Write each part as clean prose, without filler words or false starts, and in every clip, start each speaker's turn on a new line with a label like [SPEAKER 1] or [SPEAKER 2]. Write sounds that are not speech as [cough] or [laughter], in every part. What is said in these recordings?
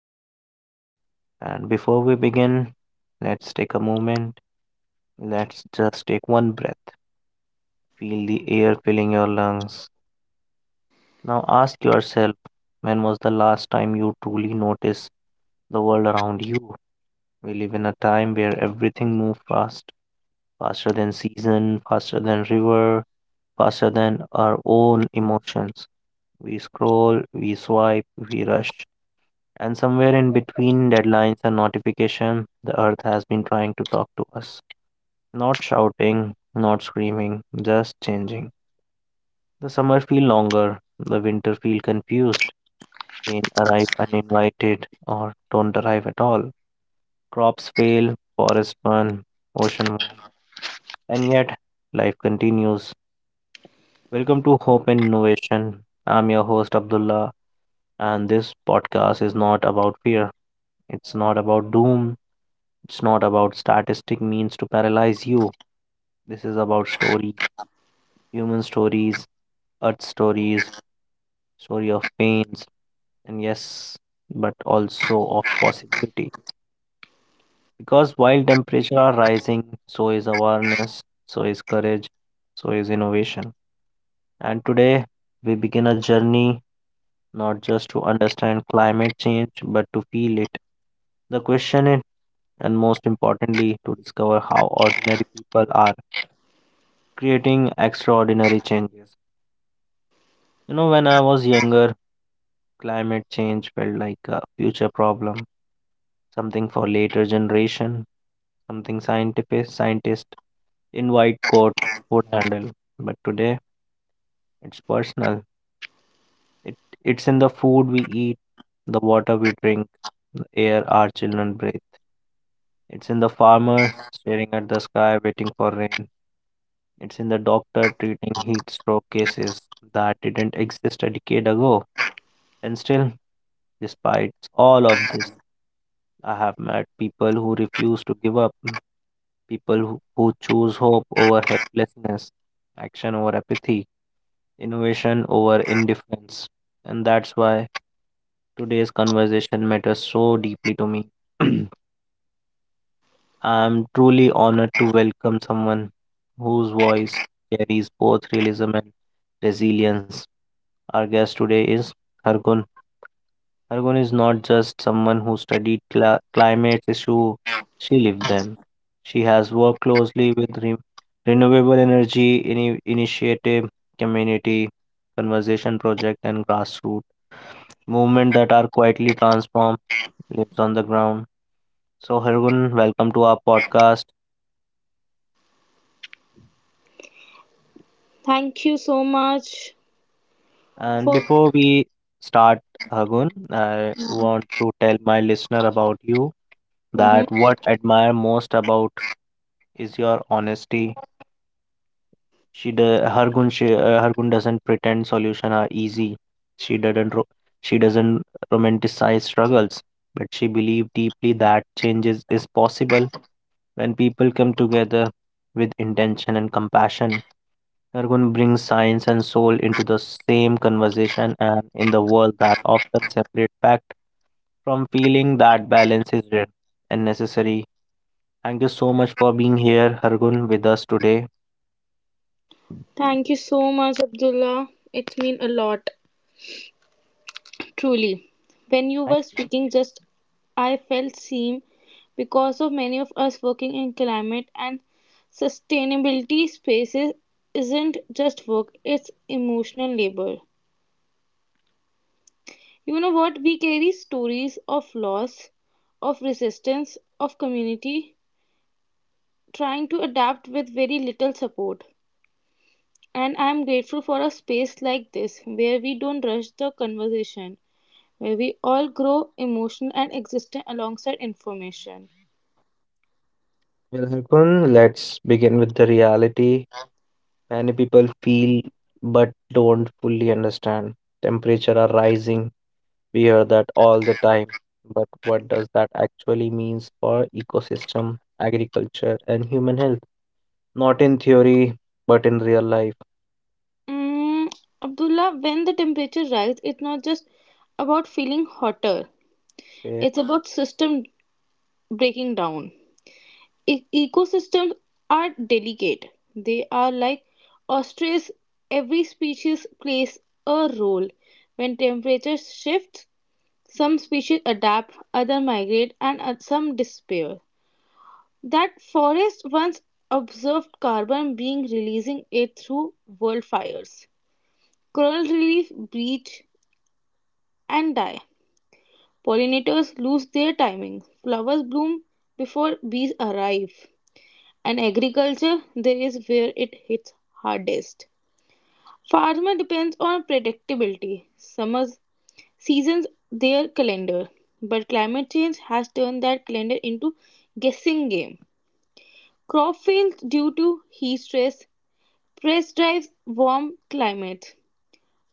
[SPEAKER 1] Abdullah, and before we begin, let's take a moment. Let's just take one breath. Feel the air filling your lungs. Now ask yourself, when was the last time you truly noticed the world around you? We live in a time where everything moves fast, faster than season, faster than river, faster than our own emotions. We scroll, we swipe, we rush. And somewhere in between deadlines and notification, the earth has been trying to talk to us. Not shouting, not screaming, just changing. The summer feel longer, the winter feel confused. Rain arrive uninvited or don't arrive at all. Crops fail, forest burn, ocean warm. And yet life continues. Welcome to Hope and Innovation. I'm your host Abdullah and this podcast is not about fear. It's not about doom. It's not about statistic means to paralyze you. This is about stories, human stories, earth stories, story of pains, and yes, but also of possibility. Because while temperature are rising, so is awareness, so is courage, so is innovation. And today we begin a journey not just to understand climate change, but to feel it, the question it, and most importantly to discover how ordinary people are creating extraordinary changes. When I was younger, climate change felt like a future problem, something for later generation, something scientific scientists in white coat would handle. But today, it's personal. It it's in the food we eat, the water we drink, the air our children breathe. It's in the farmer staring at the sky waiting for rain. It's in the doctor treating heat stroke cases that didn't exist a decade ago. And still, despite all of this, I have met people who refuse to give up, people who choose hope over helplessness, action over apathy, innovation over indifference. And that's why today's conversation matters so deeply to me. [clears throat] I am truly honored to welcome someone whose voice carries both realism and resilience. Our guest today is Hargun. Argon is not just someone who studied cla climate issue, she lived them. She has worked closely with re renewable energy initiative, community conservation project, and grassroots movement that are quietly transformed lives on the ground. So, Hargun, welcome to our podcast.
[SPEAKER 2] Thank you so much
[SPEAKER 1] And
[SPEAKER 2] for.
[SPEAKER 1] before we start, Hargun, I want to tell my listener about you
[SPEAKER 2] Mhm.
[SPEAKER 1] that what I admire most about is your honesty. She do Hargun she Hargun doesn't pretend solution are easy. She doesn't ro- she doesn't romanticize struggles, but she believes deeply that changes is possible when people come together with intention and compassion. Hargun brings science and soul into the same conversation and in the world that often separate fact from feeling that balance is rare and necessary. Thank you so much for being here, Hargun, with us today.
[SPEAKER 2] Thank you so much, Abdullah. It means a lot, truly. When you
[SPEAKER 1] Thank
[SPEAKER 2] were
[SPEAKER 1] you.
[SPEAKER 2] speaking, just I felt seen because of many of us working in climate and sustainability spaces isn't just work, it's emotional labor. You know what? We carry stories of loss, of resistance, of community, trying to adapt with very little support. And I am grateful for a space like this where we don't rush the conversation, where we all grow emotional and existent alongside information.
[SPEAKER 1] Well, Harkun, let's begin with the reality. Many people feel but don't fully understand. Temperature are rising. We hear that all the time. But what does that actually means for ecosystem, agriculture, and human health? Not in theory, but in real life.
[SPEAKER 2] Mm, Abdullah, when the temperature rises, it's not just about feeling hotter,
[SPEAKER 1] Okay.
[SPEAKER 2] it's about system breaking down. Ecosystems are delicate. They are like ostrich. Every species plays a role. When temperatures shift, some species adapt, others migrate, and some disappear. That forest once observed carbon being releasing it through wildfires. Coral reef bleach and die. Pollinators lose their timing. Flowers bloom before bees arrive. And agriculture there is where it hits hardest. Farmer depends on predictability, summer seasons their calendar, but climate change has turned that calendar into guessing game. Crop fails due to heat stress, press drives warm climates,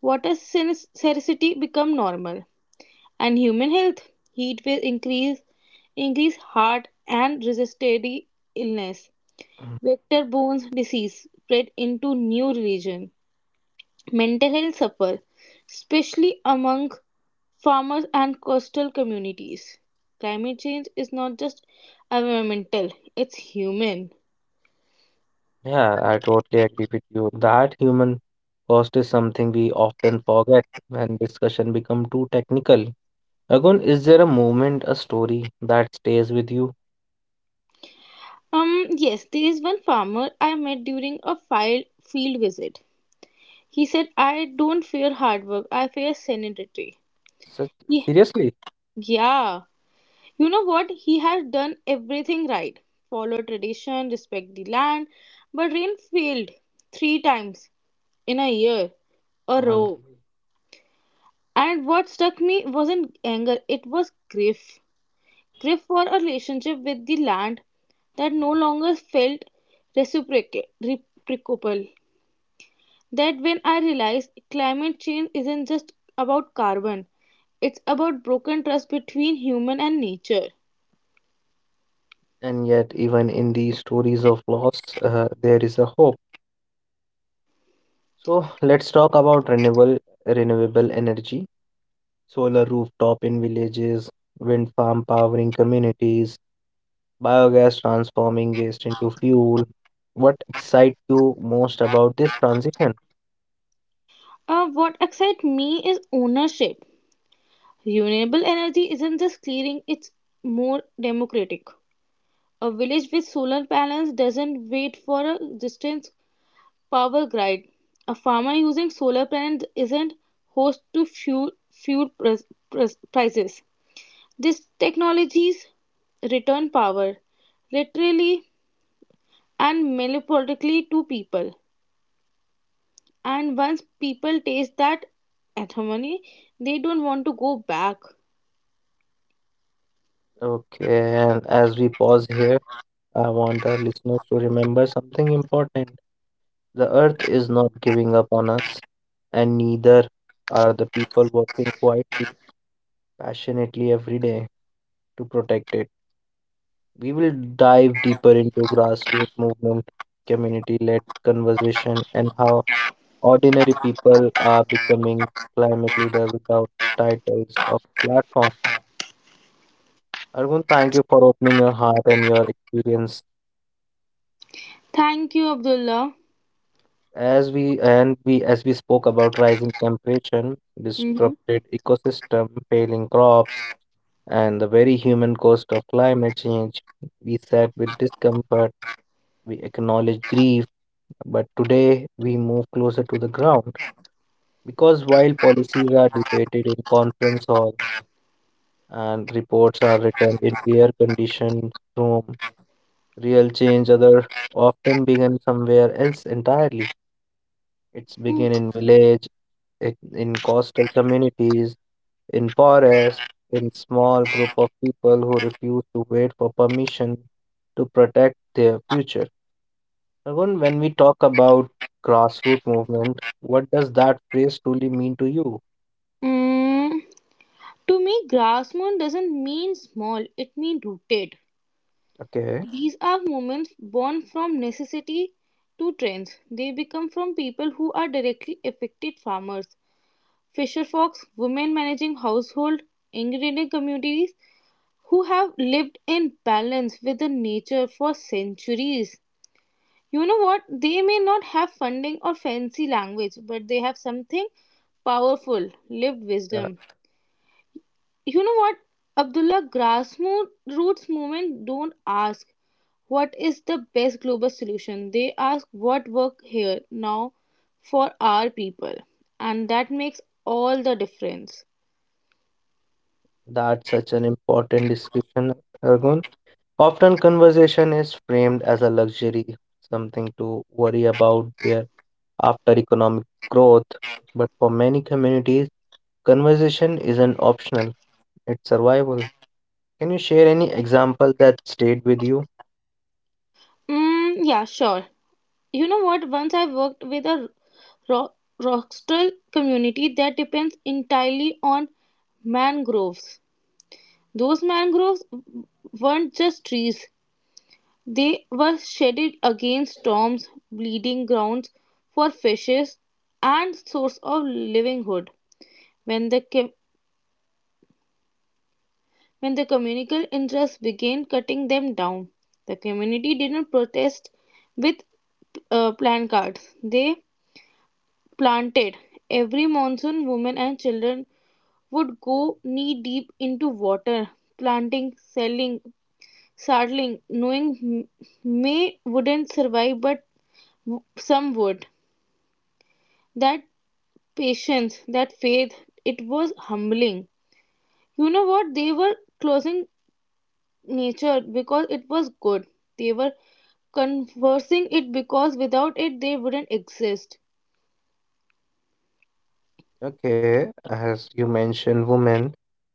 [SPEAKER 2] water scarcity become normal, and human health heat waves increase heart and resisted illness.
[SPEAKER 1] Mm.
[SPEAKER 2] Vector borne disease spread into new religion. Mental health suffer, especially among farmers and coastal communities. Climate change is not just environmental, it's human.
[SPEAKER 1] Yeah, I totally agree with you. That human cost is something we often forget when discussion become too technical. Agun, is there a moment, a story that stays with you?
[SPEAKER 2] Yes, there is one farmer I met during a file field visit. He said, I don't fear hard work, I fear sanity.
[SPEAKER 1] Such
[SPEAKER 2] Ye-
[SPEAKER 1] seriously?
[SPEAKER 2] Yeah. You know what? He had done everything right. Follow tradition, respect the land, but rain failed three times in a year, a
[SPEAKER 1] OMG.
[SPEAKER 2] row. And what struck me wasn't anger, it was grief. Grief for a relationship with the land that no longer felt reciprocal. That when I realized climate change isn't just about carbon, it's about broken trust between human and nature.
[SPEAKER 1] And yet, even in these stories of loss, there is a hope. So let's talk about renewable energy, solar rooftop in villages, wind farm powering communities, biogas transforming waste into fuel. What excites you most about this transition?
[SPEAKER 2] What excites me is ownership. Renewable energy isn't just clearing, it's more democratic. A village with solar panels doesn't wait for a distant power grid. A farmer using solar panels isn't host to fuel prices. These technologies return power, literally and metaphorically, to people. And once people taste that ethamony, they don't want to go back.
[SPEAKER 1] Okay, and as we pause here, I want our listeners to remember something important. The earth is not giving up on us, and neither are the people working quietly, passionately every day to protect it. We will dive deeper into grassroots movement, community led conversation, and how ordinary people are becoming climate leader without titles or platform. Arjun, thank you for opening your heart and your experience.
[SPEAKER 2] Thank you, Abdullah.
[SPEAKER 1] As we spoke about rising temperature,
[SPEAKER 2] hmm
[SPEAKER 1] disrupted ecosystem, failing crops, and the very human cost of climate change, we sat with discomfort, we acknowledged grief, but today we move closer to the ground. Because while policies are debated in conference hall and reports are written in air-conditioned room, real change other often begin somewhere else entirely. It's
[SPEAKER 2] Mm,
[SPEAKER 1] begin in village, it, in coastal communities, in forests, in small group of people who refuse to wait for permission to protect their future. Raghun, when we talk about grassroots movement, what does that phrase truly mean to you?
[SPEAKER 2] Mm. To me, grass moon doesn't mean small, it means rooted.
[SPEAKER 1] Okay,
[SPEAKER 2] These are movements born from necessity to trends. They become from people who are directly affected farmers, fisher folks, women managing household, ingredient communities who have lived in balance with the nature for centuries. You know what? They may not have funding or fancy language, but they have something powerful, lived
[SPEAKER 1] yeah,
[SPEAKER 2] wisdom. You know what, Abdullah? Grassroots movement don't ask what is the best global solution, they ask what work here now for our people, and that makes all the difference.
[SPEAKER 1] that's such an important discussion, Argun. Often conversation is framed as a luxury, something to worry about there after economic growth. But for many communities, conversation isn't optional, it's survival. Can you share any example that stayed with you?
[SPEAKER 2] Yeah, sure. You know what? Once I worked with a rock, rockstral community that depends entirely on mangroves. Those mangroves weren't just trees. They were shedded against storms, bleeding grounds for fishes, and source of livelihood. When the com- when the communal interests began cutting them down, the community didn't protest with placards. They planted. Every monsoon, women and children would go knee deep into water, planting, selling, saddling, knowing May wouldn't survive, but some would. That patience, that faith, it was humbling. You know what? They were closing nature because it was good. They were conversing it because without it they wouldn't exist.
[SPEAKER 1] Okay, as you mentioned women,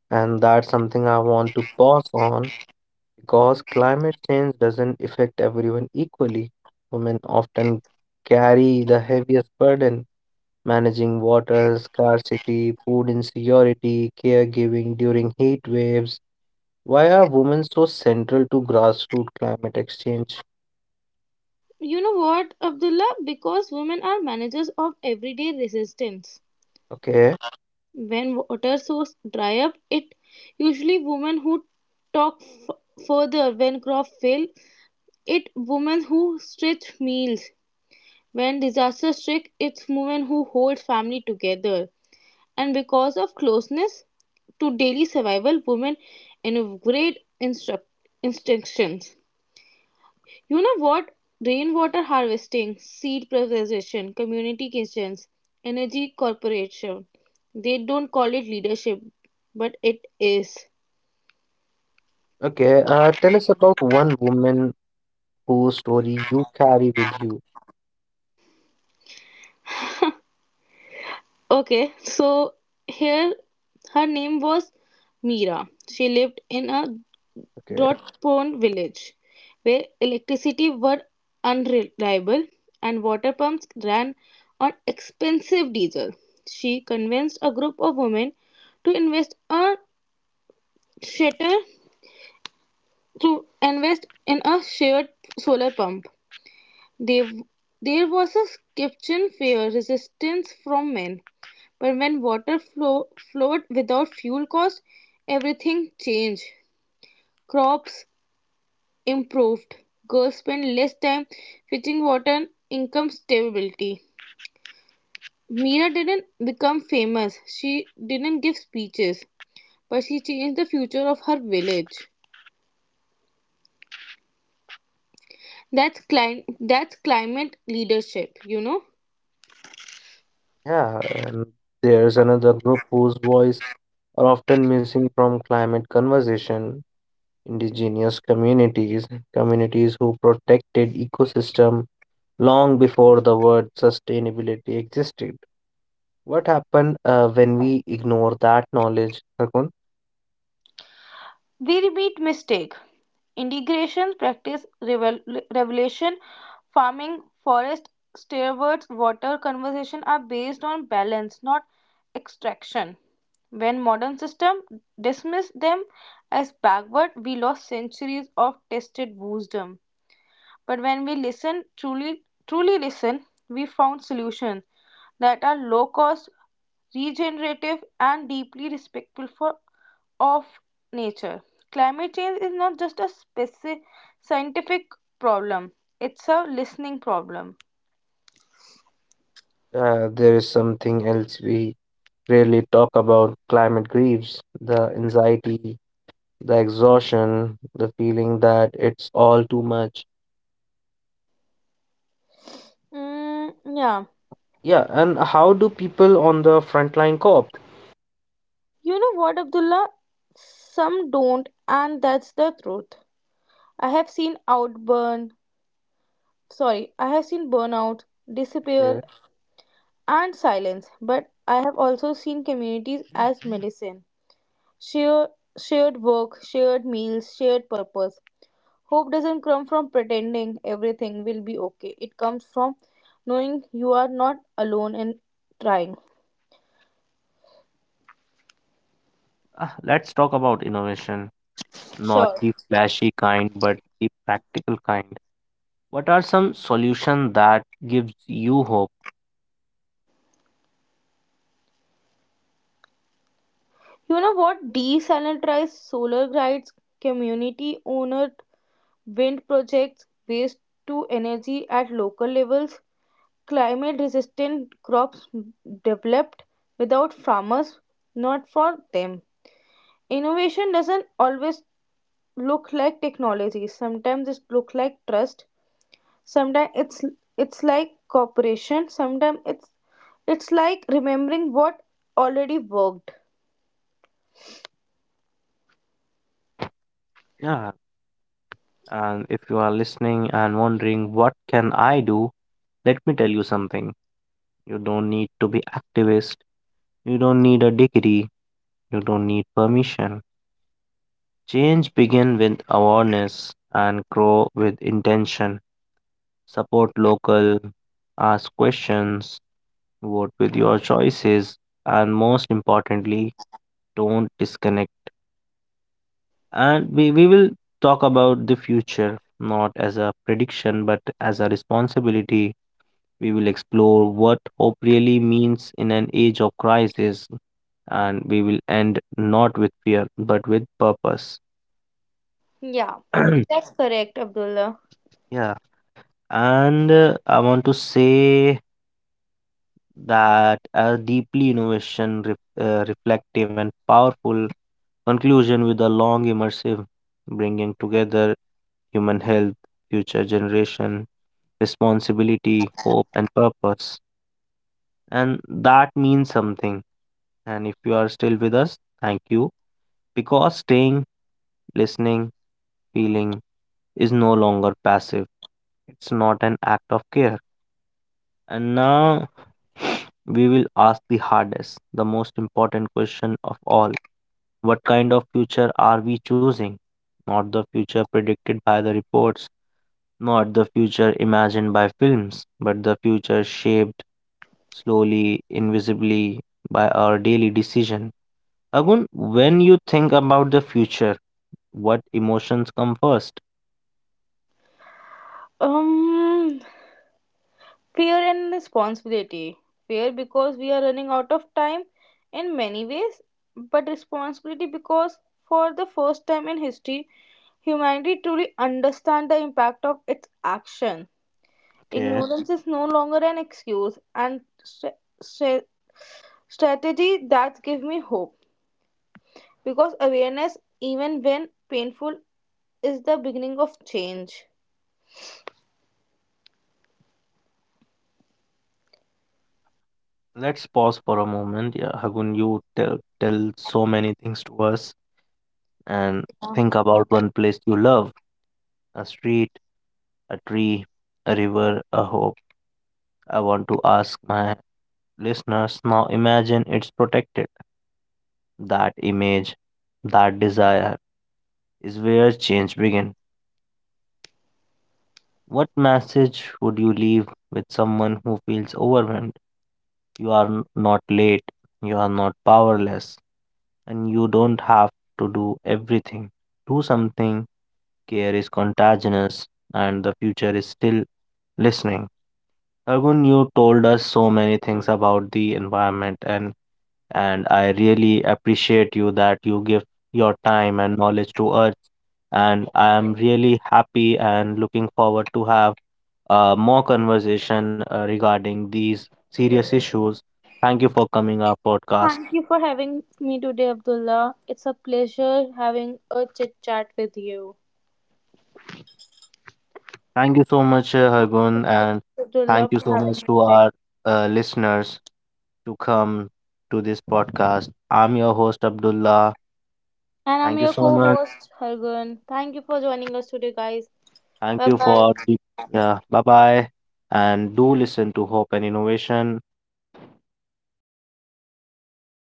[SPEAKER 1] and that's something I want to pause on because climate change doesn't affect everyone equally. Women often carry the heaviest burden, managing water scarcity, food insecurity, caregiving during heat waves. Why are women so central to grassroots climate exchange?
[SPEAKER 2] You know what, Abdullah? Because women are managers of everyday resistance.
[SPEAKER 1] Okay.
[SPEAKER 2] When water source dry up, it usually women who talk further when crop fail. It women who stretch meals. When disaster strikes, it's women who hold family together. And because of closeness to daily survival, women innovate instructions. You know what? Rainwater harvesting, seed preservation, community kitchens, energy corporation. They don't call it leadership, but it is.
[SPEAKER 1] Okay, tell us about one woman whose story you carry with you.
[SPEAKER 2] Okay, so here her name was Mira. She lived in a
[SPEAKER 1] Okay,
[SPEAKER 2] Drodpon village, where electricity were unreliable and water pumps ran on expensive diesel. She convinced a group of women to invest a shelter to invest in a shared solar pump. They, there was a kitchen fair resistance from men, but when water flowed without fuel cost, everything changed. Crops improved. Girls spend less time fetching water, and income stability. Meera didn't become famous. She didn't give speeches, but she changed the future of her village. That's climate leadership, you know.
[SPEAKER 1] yeah, and there's another group whose voice are often missing from climate conversation. Indigenous communities, communities who protected ecosystem long before the word sustainability existed. What happened when we ignore that knowledge, Harkun?
[SPEAKER 2] We repeat mistake, integration, practice, revelation, farming, forest, stewards, water conservation are based on balance, not extraction. When modern system dismiss them as backward, we lost centuries of tested wisdom. But when we listen, truly listen, we found solutions that are low cost, regenerative, and deeply respectful for of nature. Climate change is not just a scientific problem, it's a listening problem.
[SPEAKER 1] There is something else we rarely talk about climate griefs, the anxiety, the exhaustion, the feeling that it's all too much.
[SPEAKER 2] Mm, yeah.
[SPEAKER 1] Yeah, and how do people on the front line cope?
[SPEAKER 2] You know what, Abdullah? Some don't, and that's the truth. I have seen outburn, I have seen burnout, disappear,
[SPEAKER 1] Okay.
[SPEAKER 2] and silence, but I have also seen communities as medicine. Shared, shared work, shared meals, shared purpose. Hope doesn't come from pretending everything will be okay. It comes from knowing you are not alone and trying.
[SPEAKER 1] Let's talk about innovation, not
[SPEAKER 2] Sure.
[SPEAKER 1] the flashy kind, but the practical kind. What are some solutions that gives you hope?
[SPEAKER 2] You know what? Desanitize solar grids, community owned wind projects, waste to energy at local levels, climate resistant crops developed without farmers, not for them. Innovation doesn't always look like technology, sometimes it looks like trust. Sometimes it's like cooperation. Sometimes it's like remembering what already worked.
[SPEAKER 1] Yeah, and if you are listening and wondering what can I do, let me tell you something. You don't need to be activist. You don't need a degree. You don't need permission. Change begin with awareness and grow with intention. Support local, ask questions, vote with your choices, and most importantly, don't disconnect. And we will talk about the future not as a prediction but as a responsibility. We will explore what hope really means in an age of crisis, and we will end not with fear but with purpose.
[SPEAKER 2] Yeah,
[SPEAKER 1] [clears throat] Yeah.
[SPEAKER 2] that's Yeah. correct, Abdullah.
[SPEAKER 1] And I want to say that a deeply innovation, reflective, and powerful conclusion with a long immersive bringing together human health, future generation, responsibility, hope, and purpose. And that means something. And if you are still with us, thank you. Because staying, listening, feeling is no longer passive, it's not an act of care. And now we will ask the hardest, the most important question of all. What kind of future are we choosing? Not the future predicted by the reports, not the future imagined by films, but the future shaped slowly, invisibly by our daily decision. Agun, when you think about the future, what emotions come first?
[SPEAKER 2] Um, fear and responsibility. Fear because we are running out of time in many ways, but responsibility because for the first time in history, humanity truly understand the impact of its action.
[SPEAKER 1] Okay,
[SPEAKER 2] Ignorance is no longer an excuse, and strategy that give me hope because awareness even when painful is the beginning of change.
[SPEAKER 1] let's pause for a moment. Yeah, Agun, you tell so many things to us and think about one place you love, a street, a tree, a river, a hope. I want to ask my listeners now imagine it's protected. That image, that desire is where change begins. What message would you leave with someone who feels overwhelmed? Not late, you are not powerless, and you don't have to do everything. Do something, care is contagious, and the future is still listening. Argun, you told us so many things about the environment and I really appreciate you that you give your time and knowledge to us and I am really happy and looking forward to have more conversation regarding these serious issues. Thank you for coming our podcast.
[SPEAKER 2] Thank you for having me today, Abdullah. It's a pleasure having a chit chat with you,
[SPEAKER 1] Thank you so much, Hargun, and
[SPEAKER 2] Abdullah,
[SPEAKER 1] thank you
[SPEAKER 2] for
[SPEAKER 1] so
[SPEAKER 2] having
[SPEAKER 1] much
[SPEAKER 2] me
[SPEAKER 1] to
[SPEAKER 2] today.
[SPEAKER 1] our listeners to come to this podcast. I'm your host Abdullah.
[SPEAKER 2] And I'm
[SPEAKER 1] Thank you
[SPEAKER 2] your
[SPEAKER 1] so much.
[SPEAKER 2] co-host Hargun. Thank you for joining us today, guys.
[SPEAKER 1] Thank
[SPEAKER 2] Bye
[SPEAKER 1] you
[SPEAKER 2] bye.
[SPEAKER 1] for the yeah, bye bye. And do listen to Hope and Innovation.